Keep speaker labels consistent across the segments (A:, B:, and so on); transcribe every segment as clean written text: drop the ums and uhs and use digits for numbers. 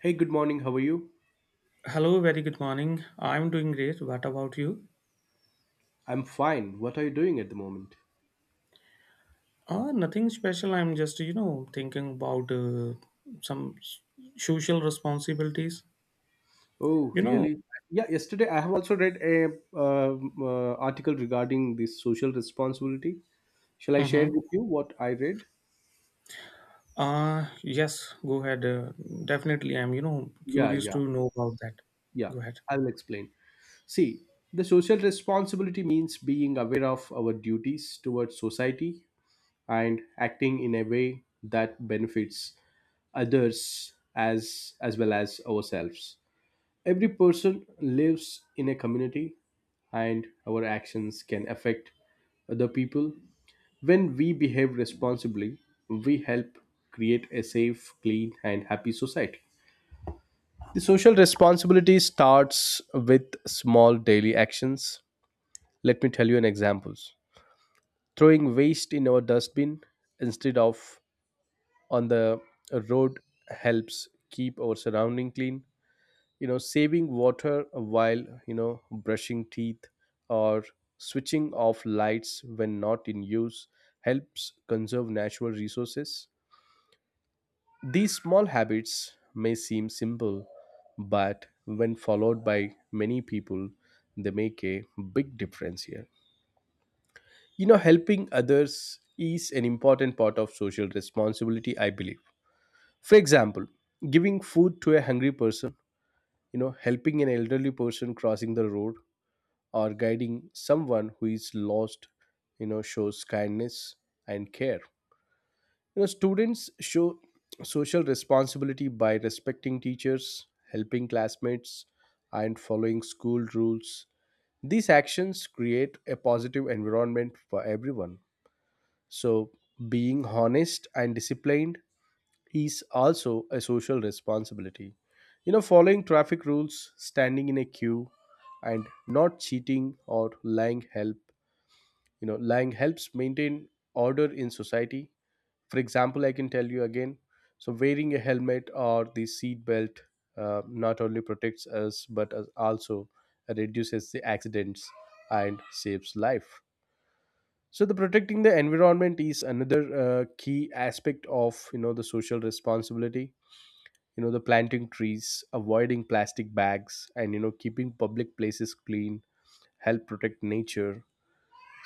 A: Hey, good morning. How are you?
B: Hello, very good morning. I'm doing great. What about you?
A: I'm fine. What are you doing at the moment?
B: Nothing special. I'm just, you know, thinking about some social responsibilities.
A: Oh,
B: You know,
A: really? Yeah, yesterday I have also read a uh, article regarding this social responsibility. Shall I
B: uh
A: share with you what I read?
B: yes, go ahead. Definitely, I'm, you know,
A: Yeah,
B: curious
A: yeah,
B: to know about that.
A: yeah.
B: Go ahead.
A: I'll explain. See, the social responsibility means being aware of our duties towards society and acting in a way that benefits others as well as ourselves. Every person lives in a community, and our actions can affect other people. When we behave responsibly, we help create a safe, clean, and happy society. The social responsibility starts with small daily actions. Let me tell you an example. Throwing waste in our dustbin instead of on the road helps keep our surrounding clean. Saving water while brushing teeth or switching off lights when not in use helps conserve natural resources. These small habits may seem simple, but when followed by many people, they make a big difference here. Helping others is an important part of social responsibility, I believe. For example, giving food to a hungry person, helping an elderly person crossing the road, or guiding someone who is lost, shows kindness and care. Students show social responsibility by respecting teachers, helping classmates, and following school rules. These actions create a positive environment for everyone. So being honest and disciplined is also a social responsibility. Following traffic rules, standing in a queue, and not cheating or lying help you know lying helps maintain order in society. For example, I can tell you again, so wearing a helmet or the seat belt not only protects us but also reduces the accidents and saves life. So the protecting the environment is another key aspect of the social responsibility. The planting trees, avoiding plastic bags, and keeping public places clean help protect nature.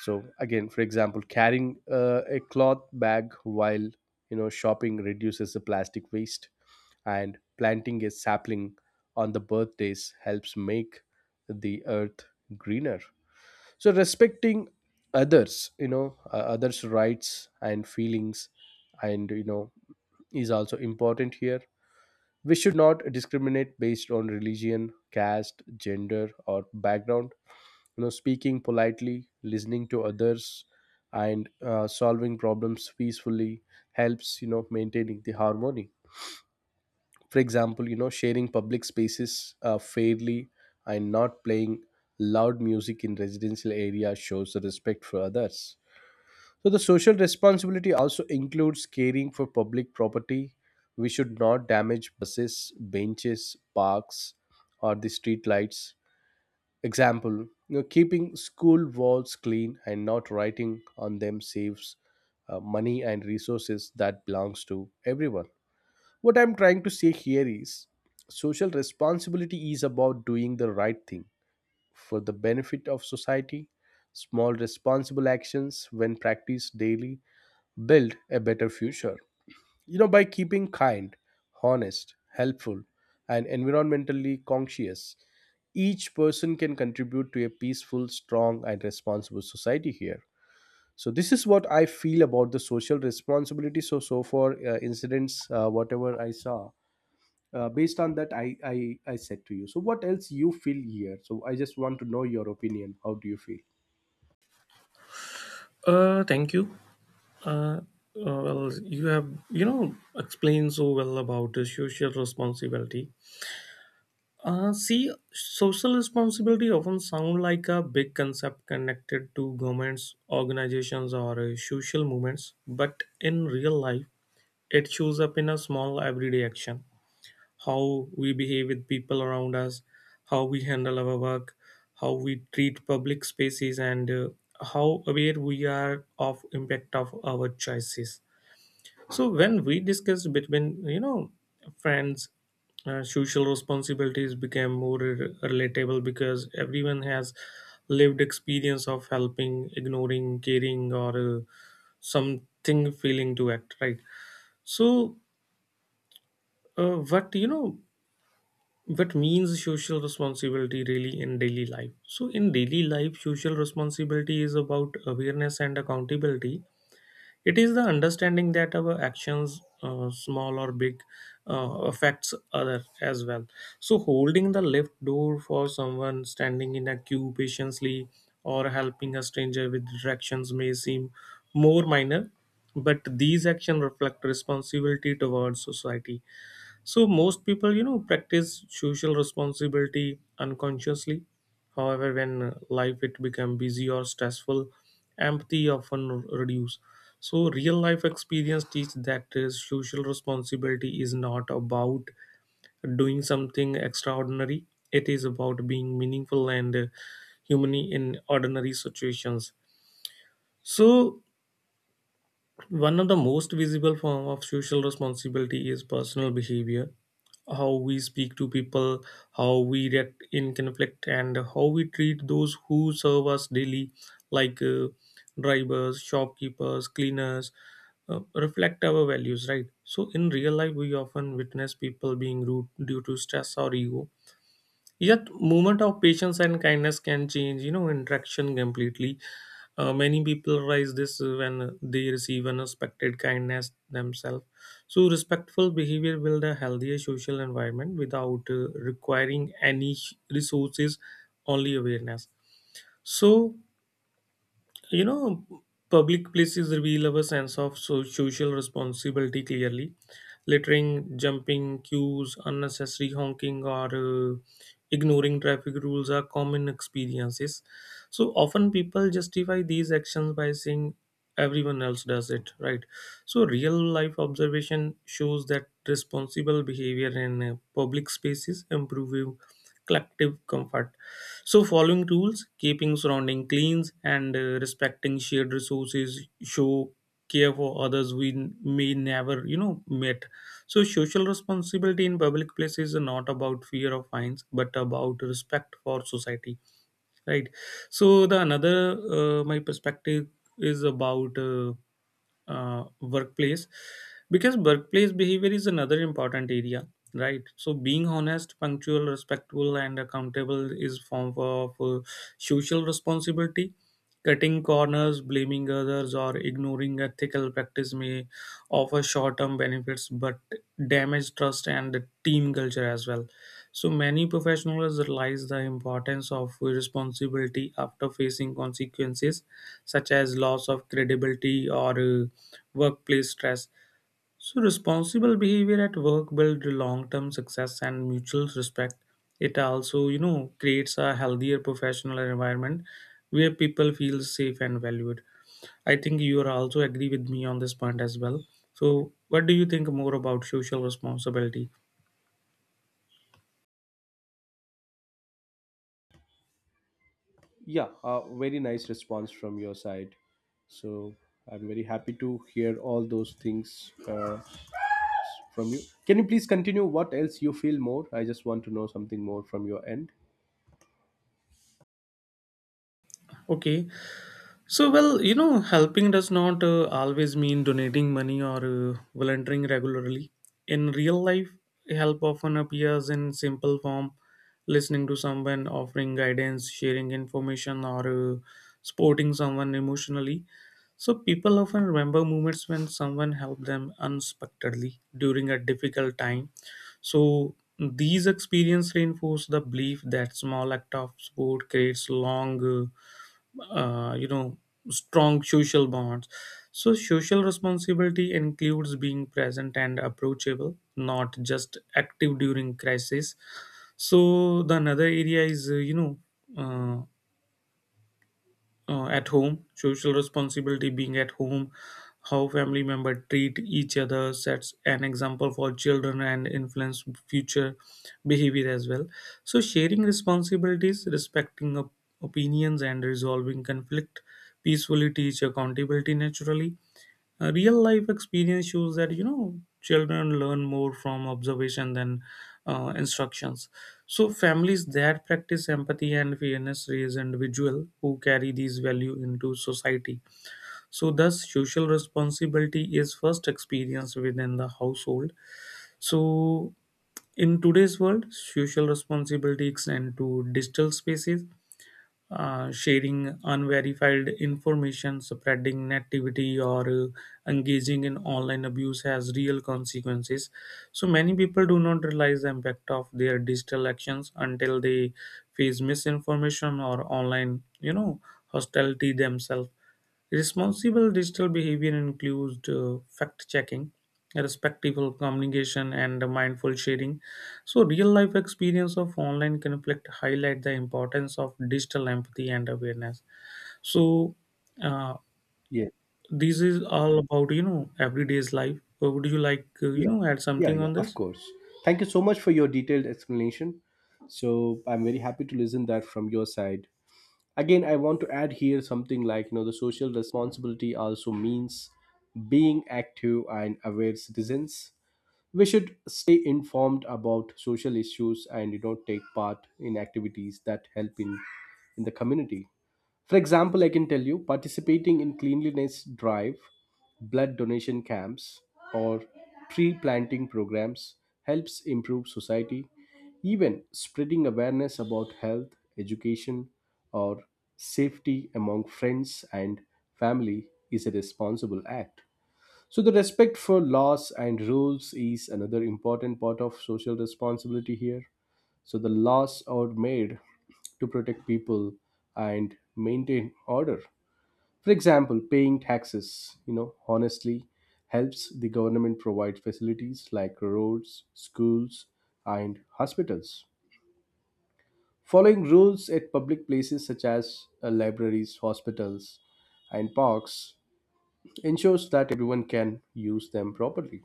A: So again, for example, carrying a cloth bag while shopping reduces the plastic waste, and planting a sapling on the birthdays helps make the earth greener. So respecting others, others' rights and feelings, and you know is also important here. We should not discriminate based on religion, caste, gender, or background. You know, speaking politely, listening to others, and solving problems peacefully helps. You know, maintaining the harmony. For example, you know, sharing public spaces fairly and not playing loud music in residential areas shows the respect for others. So, the social responsibility also includes caring for public property. We should not damage buses, benches, parks, or the street lights. Example, you know, keeping school walls clean and not writing on them saves money and resources that belongs to everyone. What I'm trying to say here is social responsibility is about doing the right thing for the benefit of society. Small responsible actions, when practiced daily, build a better future. You know, by keeping kind, honest, helpful, and environmentally conscious, each person can contribute to a peaceful, strong, and responsible society here. So this is what I feel about the social responsibility. So for incidents, whatever I saw, based on that, I said to you. So what else you feel here? So I just want to know your opinion. How do you feel?
B: Thank you. Uh, well, you have you know explained so well about the social responsibility. See, social responsibility often sound like a big concept connected to governments, organizations, or social movements, but in real life, it shows up in a small everyday action. How we behave with people around us, how we handle our work, how we treat public spaces, and how aware we are of impact of our choices. So when we discussed between you know friends, social responsibilities became more relatable because everyone has lived experience of helping, ignoring, caring, or something feeling to act right. So what you know what means social responsibility really in daily life? So in daily life, social responsibility is about awareness and accountability. It is the understanding that our actions, small or big, affects other as well. So holding the lift door for someone standing in a queue patiently or helping a stranger with directions may seem more minor, but these actions reflect responsibility towards society. So most people, you know, practice social responsibility unconsciously. However, when life it become busy or stressful, empathy often reduce. So real life experience teach that social responsibility is not about doing something extraordinary. It is about being meaningful and human in ordinary situations. So one of the most visible form of social responsibility is personal behavior. How we speak to people, how we react in conflict, and how we treat those who serve us daily, like drivers, shopkeepers, cleaners, reflect our values, right? So, in real life, we often witness people being rude due to stress or ego. Yet, moment of patience and kindness can change, you know, interaction completely. Many people realize this when they receive unexpected kindness themselves. So, respectful behavior build a healthier social environment without requiring any resources, only awareness. So, you know public places reveal our sense of social responsibility clearly. Littering, jumping queues, unnecessary honking, or ignoring traffic rules are common experiences. So often people justify these actions by saying everyone else does it, right? So real life observation shows that responsible behavior in public spaces improve collective comfort. So, following rules, keeping surrounding clean, and respecting shared resources show care for others we may never, you know, met. So, social responsibility in public places is not about fear of fines, but about respect for society, right? So, the another my perspective is about. Workplace, because workplace behavior is another important area, right? So being honest, punctual, respectful, and accountable is form of social responsibility. Cutting corners, blaming others, or ignoring ethical practice may offer short-term benefits but damage trust and the team culture as well. So many professionals realize the importance of responsibility after facing consequences such as loss of credibility or workplace stress. So, responsible behavior at work builds long-term success and mutual respect. It also, you know, creates a healthier professional environment where people feel safe and valued. I think you are also agree with me on this point as well. So, what do you think more about social responsibility?
A: Yeah, very nice response from your side. So I'm very happy to hear all those things from you. Can you please continue? What else you feel more? I just want to know something more from your end.
B: Okay, so, well, you know, helping does not always mean donating money or volunteering regularly. In real life, help often appears in simple form: listening to someone, offering guidance, sharing information, or supporting someone emotionally. So, people often remember moments when someone helped them unexpectedly during a difficult time. So, these experiences reinforce the belief that small act of support creates long. You know, strong social bonds. So social responsibility includes being present and approachable, not just active during crisis. So the another area is you know uh, at home social responsibility, being at home. How family member treat each other sets an example for children and influence future behavior as well. So sharing responsibilities, respecting opinions, and resolving conflict peacefully teach accountability naturally. A real life experience shows that you know children learn more from observation than instructions. So families that practice empathy and fairness raise individual who carry these value into society. So thus social responsibility is first experienced within the household. So in today's world social responsibility extend to digital spaces. Sharing unverified information, spreading negativity, or engaging in online abuse has real consequences. So many people do not realize the impact of their digital actions until they face misinformation or online, you know, hostility themselves. Responsible digital behavior includes fact checking, respectful communication, and mindful sharing. So, real life experience of online conflict highlight the importance of digital empathy and awareness. So, uh,
A: Yeah,
B: this is all about you know everyday's life. Would you like you
A: yeah,
B: know add
A: yeah,
B: something
A: yeah.
B: on
A: Of
B: this?
A: course. Thank you so much for your detailed explanation. So I'm very happy to listen that from your side. Again, I want to add here something like, you know, the social responsibility also means being active and aware citizens. We should stay informed about social issues and, you know, take part in activities that help in the community. For example, I can tell you, participating in cleanliness drive, blood donation camps, or tree planting programs helps improve society. Even spreading awareness about health, education, or safety among friends and family is a responsible act. So, the respect for laws and rules is another important part of social responsibility here. So, the laws are made to protect people and maintain order. For example, paying taxes, you know, honestly helps the government provide facilities like roads, schools, and hospitals. Following rules at public places such as libraries, hospitals, and parks ensures that everyone can use them properly.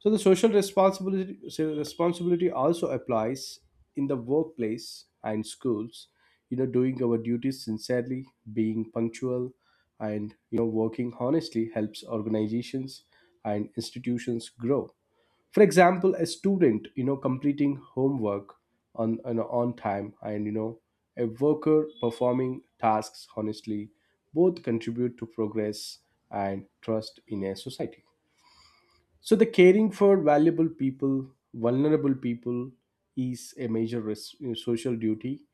A: So the social responsibility so responsibility also applies in the workplace and schools. You know, doing our duties sincerely, being punctual, and, you know, working honestly helps organizations and institutions grow. For example, a student, you know, completing homework on time, and, you know, a worker performing tasks honestly, both contribute to progress and trust in a society. So the caring for vulnerable people is a major you know, social duty.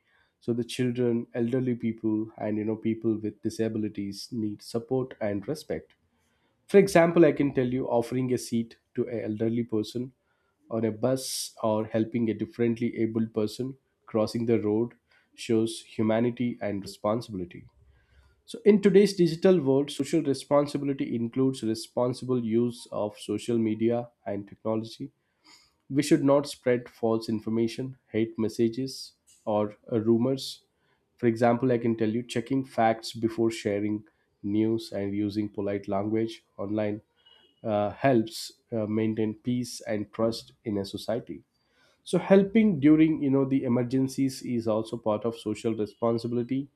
A: So the children, elderly people, and, you know, people with disabilities need support and respect. For example, I can tell you, offering a seat to an elderly person on a bus or helping a differently abled person crossing the road shows humanity and responsibility. So, in today's digital world, social responsibility includes responsible use of social media and technology. We should not spread false information, hate messages, or rumors. For example, I can tell you, checking facts before sharing news and using polite language online helps maintain peace and trust in a society. So, helping during, you know, the emergencies is also part of social responsibility.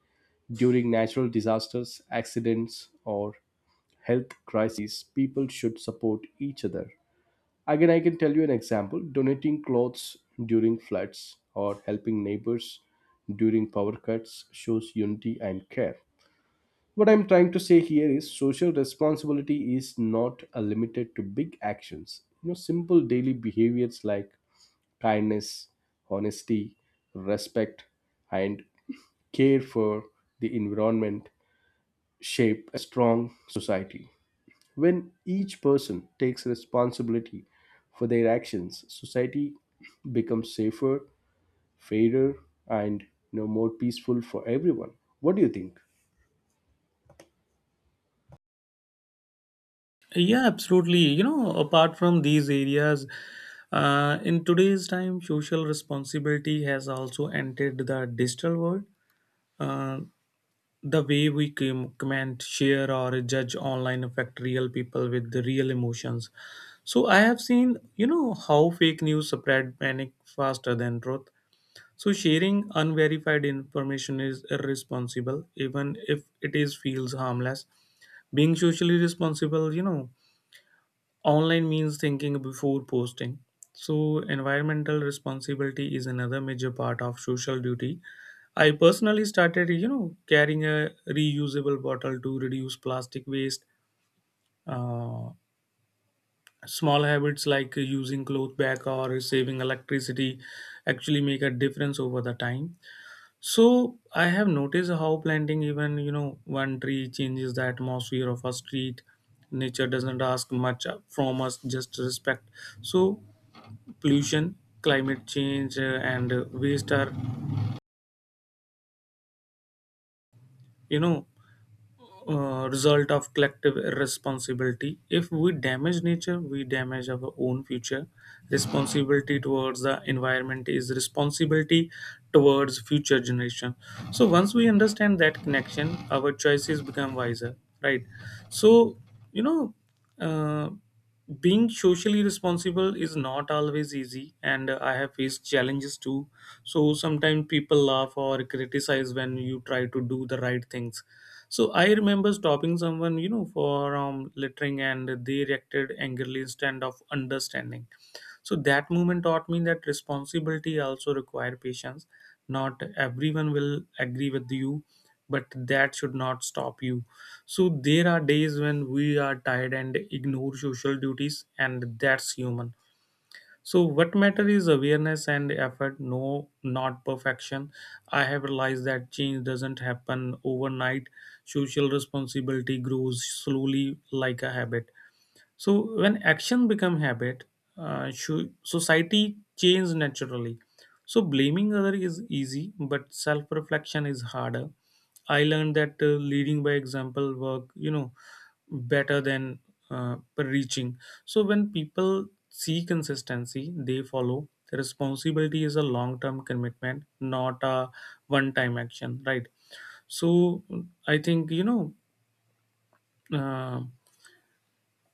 A: During natural disasters, accidents, or health crises, people should support each other. Again, I can tell you an example: donating clothes during floods or helping neighbors during power cuts shows unity and care. What I'm trying to say here is social responsibility is not limited to big actions. You know, simple daily behaviors like kindness, honesty, respect, and care for the environment shape a strong society. When each person takes responsibility for their actions, society becomes safer, fairer, and, you know, more peaceful for everyone. What do you think?
B: Yeah, absolutely. You know, apart from these areas, in today's time, social responsibility has also entered the digital world. Uh, The way we comment, share, or judge online affect real people with the real emotions. So I have seen, you know, how fake news spread panic faster than truth. So sharing unverified information is irresponsible, even if it is feels harmless. Being socially responsible, you know, online means thinking before posting. So environmental responsibility is another major part of social duty. I personally started, you know, carrying a reusable bottle to reduce plastic waste. Uh, Small habits like using cloth bag or saving electricity actually make a difference over the time. So I have noticed how planting even, you know, one tree changes the atmosphere of a street. Nature doesn't ask much from us, just respect. So pollution, climate change, and waste are, you know, result of collective irresponsibility. If we damage nature, we damage our own future. Responsibility towards the environment is responsibility towards future generation. So once we understand that connection, our choices become wiser, right? So you know, uh, being socially responsible is not always easy, and I have faced challenges too. So sometimes people laugh or criticize when you try to do the right things. So I remember stopping someone, you know, for littering, and they reacted angrily instead of understanding. So that moment taught me that responsibility also require patience. Not everyone will agree with you, but that should not stop you. So there are days when we are tired and ignore social duties, and that's human. So what matter is awareness and effort, no, not perfection. I have realized that change doesn't happen overnight. Social responsibility grows slowly like a habit. So when action become habit, society changes naturally. So blaming other is easy, but self reflection is harder. I learned that leading by example work, you know, better than preaching. So when people see consistency, they follow. The responsibility is a long term commitment, not a one time action, right? So I think you know. Uh,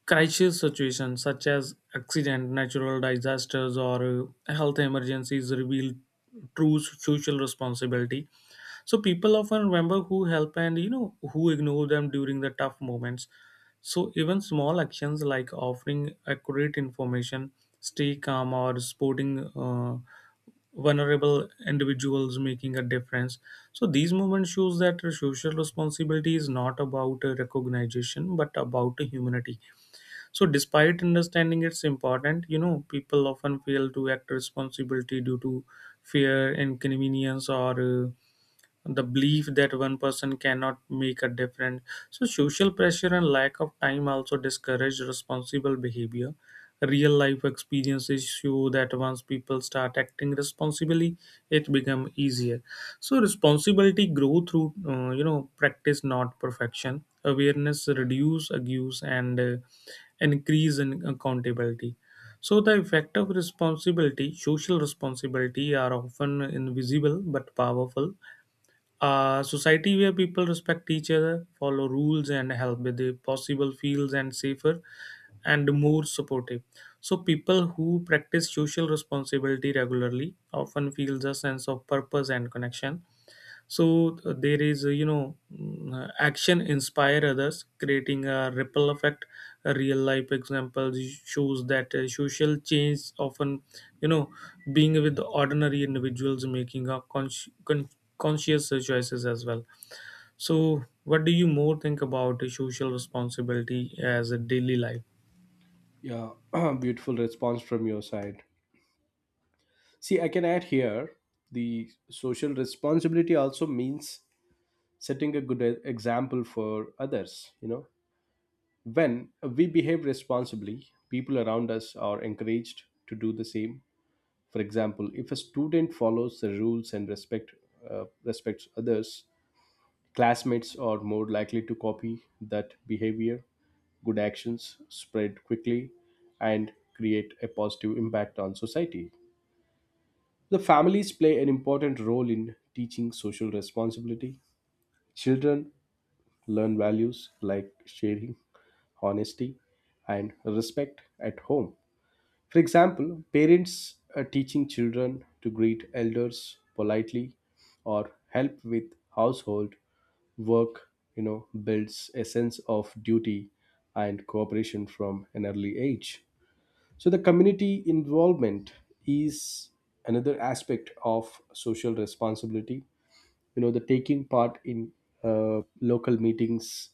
B: Crisis situations such as accident, natural disasters, or health emergencies reveal true social responsibility. So people often remember who help and you know who ignore them during the tough moments. So even small actions like offering accurate information, stay calm, or supporting vulnerable individuals making a difference. So these movements shows that social responsibility is not about recognition but about humanity. So despite understanding it's important, you know people often fail to act responsibility due to fear, inconvenience, or the belief that one person cannot make a difference. So, social pressure and lack of time also discourage responsible behavior. Real life experiences show that once people start acting responsibly, it becomes easier. So, responsibility grow through you know practice, not perfection. Awareness reduce abuse and increase in accountability. So the effect of responsibility, social responsibility, are often invisible but powerful. A society where people respect each other, follow rules, and help with the possible feels and safer and more supportive. So people who practice social responsibility regularly often feels a sense of purpose and connection. So there is you know action inspire others, creating a ripple effect. A real life example shows that social change often you know being with ordinary individuals making a conscious choices as well. So what do you more think about social responsibility as a daily life?
A: Yeah, beautiful response from your side. See, I can add here the social responsibility also means setting a good example for others. You know, when we behave responsibly, people around us are encouraged to do the same. For example, if a student follows the rules and respects others, classmates are more likely to copy that behavior. Good actions spread quickly and create a positive impact on society. The families play an important role in teaching social responsibility. Children learn values like sharing, honesty, and respect at home. For example, parents teaching children to greet elders politely or help with household work, you know, builds a sense of duty and cooperation from an early age. So the community involvement is another aspect of social responsibility. You know, the taking part in local meetings,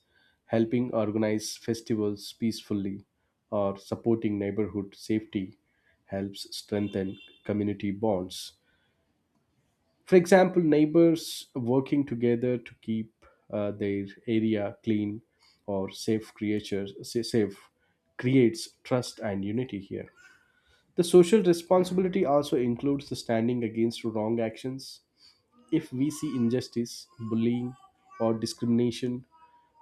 A: helping organize festivals peacefully, or supporting neighborhood safety helps strengthen community bonds. For example, neighbors working together to keep their area clean or safe safe creates trust and unity here. The social responsibility also includes the standing against wrong actions. If we see injustice, bullying, or discrimination,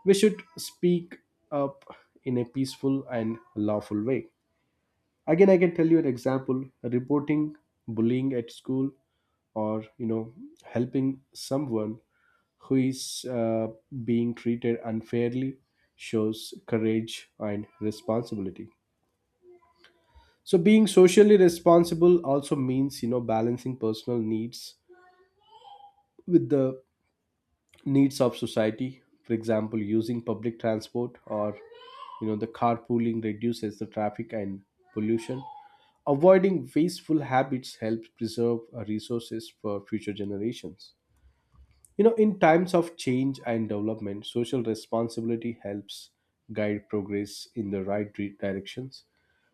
A: we should speak up in a peaceful and lawful way. Again, I can tell you an example: reporting bullying at school or, you know, helping someone who is being treated unfairly shows courage and responsibility. So being socially responsible also means, you know, balancing personal needs with the needs of society. For example, using public transport or, you know, the carpooling reduces the traffic and pollution. Avoiding wasteful habits helps preserve resources for future generations. You know, in times of change and development, social responsibility helps guide progress in the right directions.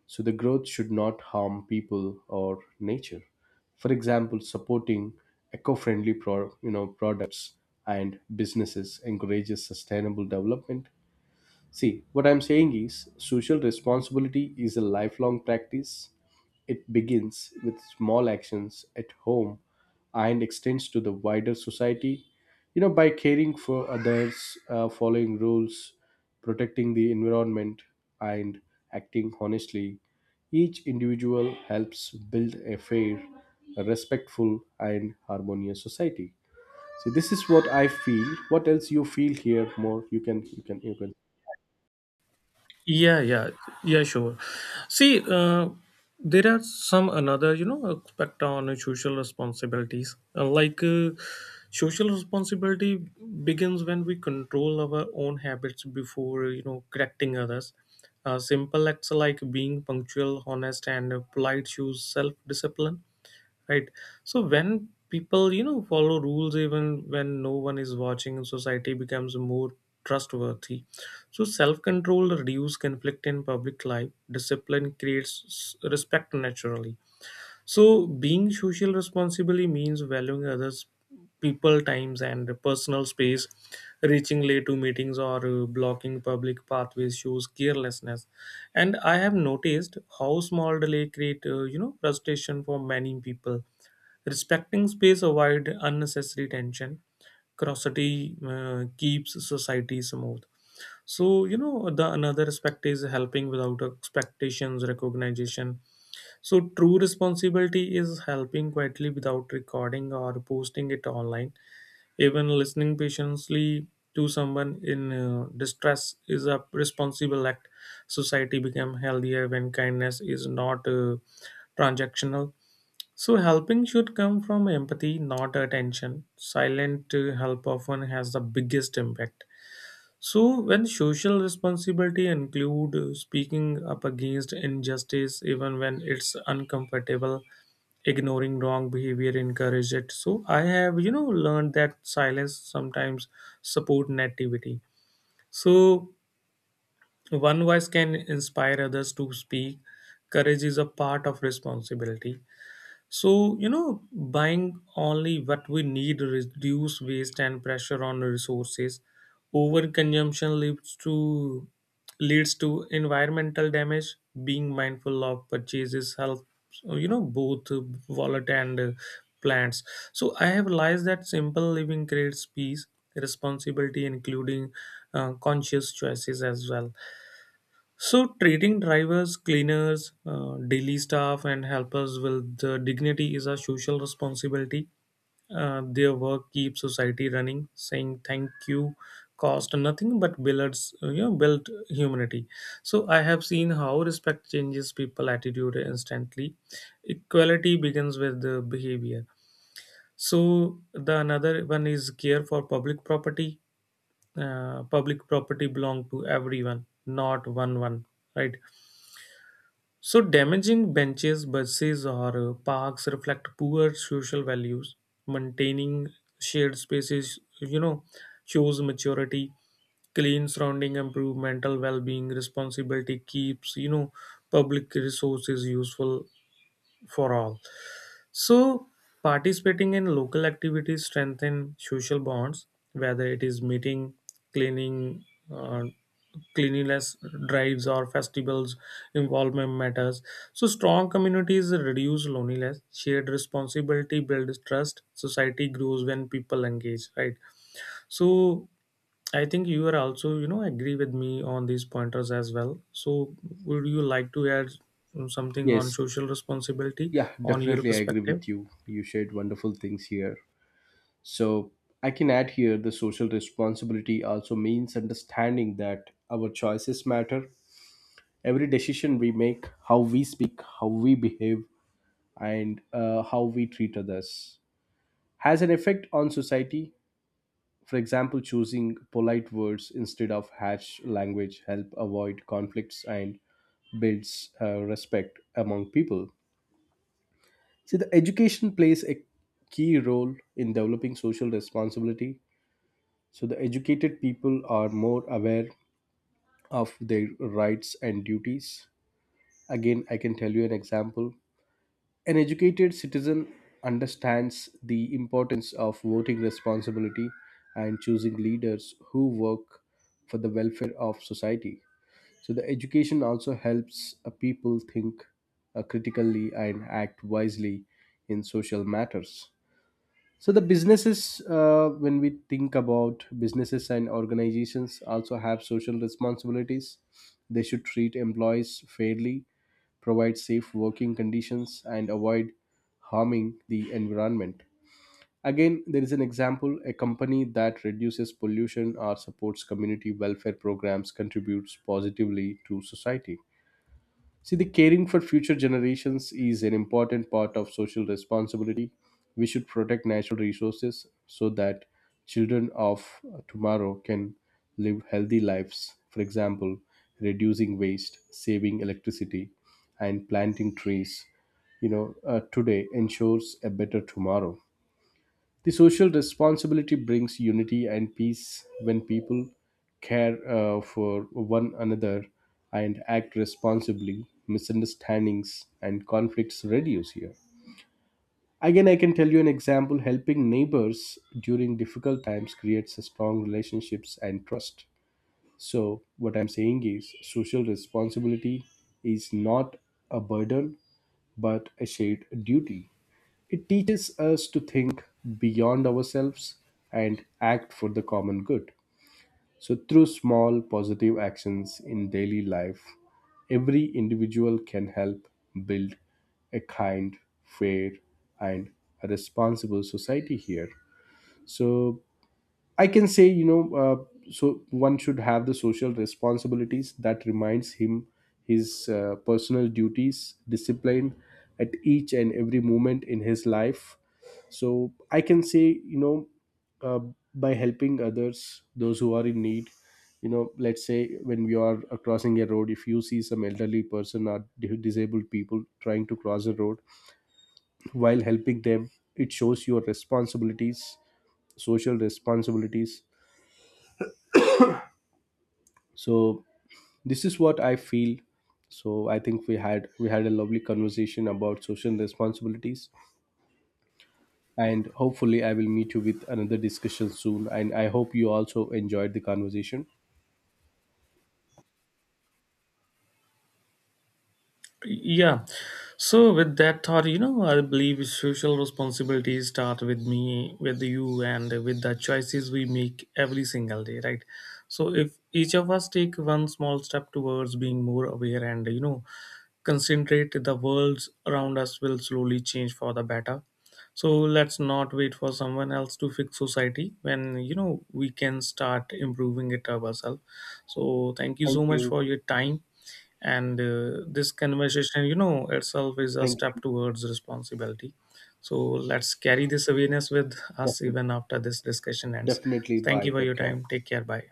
A: So the growth should not harm people or nature. For example, supporting eco-friendly you know, products and businesses encourages sustainable development. See, what I'm saying is social responsibility is a lifelong practice. It begins with small actions at home and extends to the wider society. You know, by caring for others, following rules, protecting the environment, and acting honestly, each individual helps build a fair, respectful, and harmonious society. See, this is what I feel. What else you feel here more? You can.
B: Yeah, yeah, yeah, sure. See, there are some another, you know, aspect on social responsibilities. Like social responsibility begins when we control our own habits before, you know, correcting others. Simple acts like being punctual, honest, and polite shows self discipline, right? So when people you know follow rules even when no one is watching, society becomes more trustworthy. So self-control reduce conflict in public life. Discipline creates respect naturally. So, being social responsibly means valuing others, people, times, and personal space. Reaching late to meetings or blocking public pathways shows carelessness. And I have noticed how small delay create, you know, frustration for many people. Respecting space avoid unnecessary tension. Curiosity keeps society smooth. So you know the another aspect is helping without expectations, recognition. So, true responsibility is helping quietly without recording or posting it online. Even listening patiently to someone in distress is a responsible act. Society become healthier when kindness is not transactional. So, helping should come from empathy, not attention. Silent help often has the biggest impact. So, when social responsibility include speaking up against injustice, even when it's uncomfortable, ignoring wrong behavior encourage it. So, I have you know learned that silence sometimes support nativity. So, one voice can inspire others to speak. Courage is a part of responsibility. So, you know, buying only what we need reduce waste and pressure on resources. Overconsumption leads to environmental damage. Being mindful of purchases helps, you know, both wallet and plants. So I have realized that simple living creates peace, responsibility, including conscious choices as well. So, treating drivers, cleaners, daily staff, and helpers with dignity is a social responsibility. Their work keeps society running. Saying thank you cost nothing but builds, you know, built humanity. So, I have seen how respect changes people' attitude instantly. Equality begins with the behavior. So, the another one is care for public property. Public property belong to everyone, not one, right? So, damaging benches, buses, or parks reflect poor social values. Maintaining shared spaces, you know, shows maturity. Clean surrounding improve mental well-being. Responsibility keeps, you know, public resources useful for all. So, participating in local activities strengthen social bonds, whether it is meeting, cleaning, uh, cleanliness drives, or festivals. Involvement matters. So, strong communities reduce loneliness. Shared responsibility builds trust. Society grows when people engage. Right. So, I think you are also, you know, agree with me on these pointers as well. So, would you like to add something on
A: Yes.
B: social responsibility
A: Yeah,
B: on your
A: definitely. I agree
B: perspective?
A: with you. You shared wonderful things here. So I can add here the social responsibility also means understanding that our choices matter. Every decision we make, how we speak, how we behave, and how we treat others has an effect on society. For example, choosing polite words instead of harsh language help avoid conflicts and builds respect among people. See, the education plays a key role in developing social responsibility. So, the educated people are more aware of their rights and duties. Again, I can tell you an example. An educated citizen understands the importance of voting responsibility and choosing leaders who work for the welfare of society. So, the education also helps people think critically and act wisely in social matters. So the businesses, when we think about businesses and organizations, also have social responsibilities. They should treat employees fairly, provide safe working conditions, and avoid harming the environment. Again, there is an example: a company that reduces pollution or supports community welfare programs contributes positively to society. See, the caring for future generations is an important part of social responsibility. We should protect natural resources so that children of tomorrow can live healthy lives. For example, reducing waste, saving electricity, and planting trees, you know, today ensures a better tomorrow. The social responsibility brings unity and peace when people care for one another and act responsibly. Misunderstandings and conflicts reduce here. Again, I can tell you an example: helping neighbors during difficult times creates a strong relationships and trust. So, what I'm saying is social responsibility is not a burden but a shared duty. It teaches us to think beyond ourselves and act for the common good. So, through small positive actions in daily life, every individual can help build a kind, fair, and a responsible society here. So, I can say, you know, so one should have the social responsibilities that reminds him his personal duties, discipline at each and every moment in his life. So I can say, you know, uh, by helping others, those who are in need, you know, let's say when we are crossing a road, if you see some elderly person or disabled people trying to cross the road, while helping them, it shows your responsibilities, social responsibilities. So this is what I feel. So I think we had a lovely conversation about social responsibilities, and hopefully I will meet you with another discussion soon, and I hope you also enjoyed the conversation.
B: Yeah. So with that thought, you know, I believe social responsibilities start with me, with you, and with the choices we make every single day, right? So if each of us take one small step towards being more aware and you know concentrate, the world around us will slowly change for the better. So let's not wait for someone else to fix society when you know we can start improving it ourselves. So thank you
A: Thank
B: so much
A: you.
B: for your time. And this conversation you know itself is a step towards responsibility. So let's carry this awareness with us
A: Definitely,
B: even after this discussion ends.
A: definitely.
B: Thank
A: Bye,
B: you for your
A: take care.
B: time. Take care. Bye.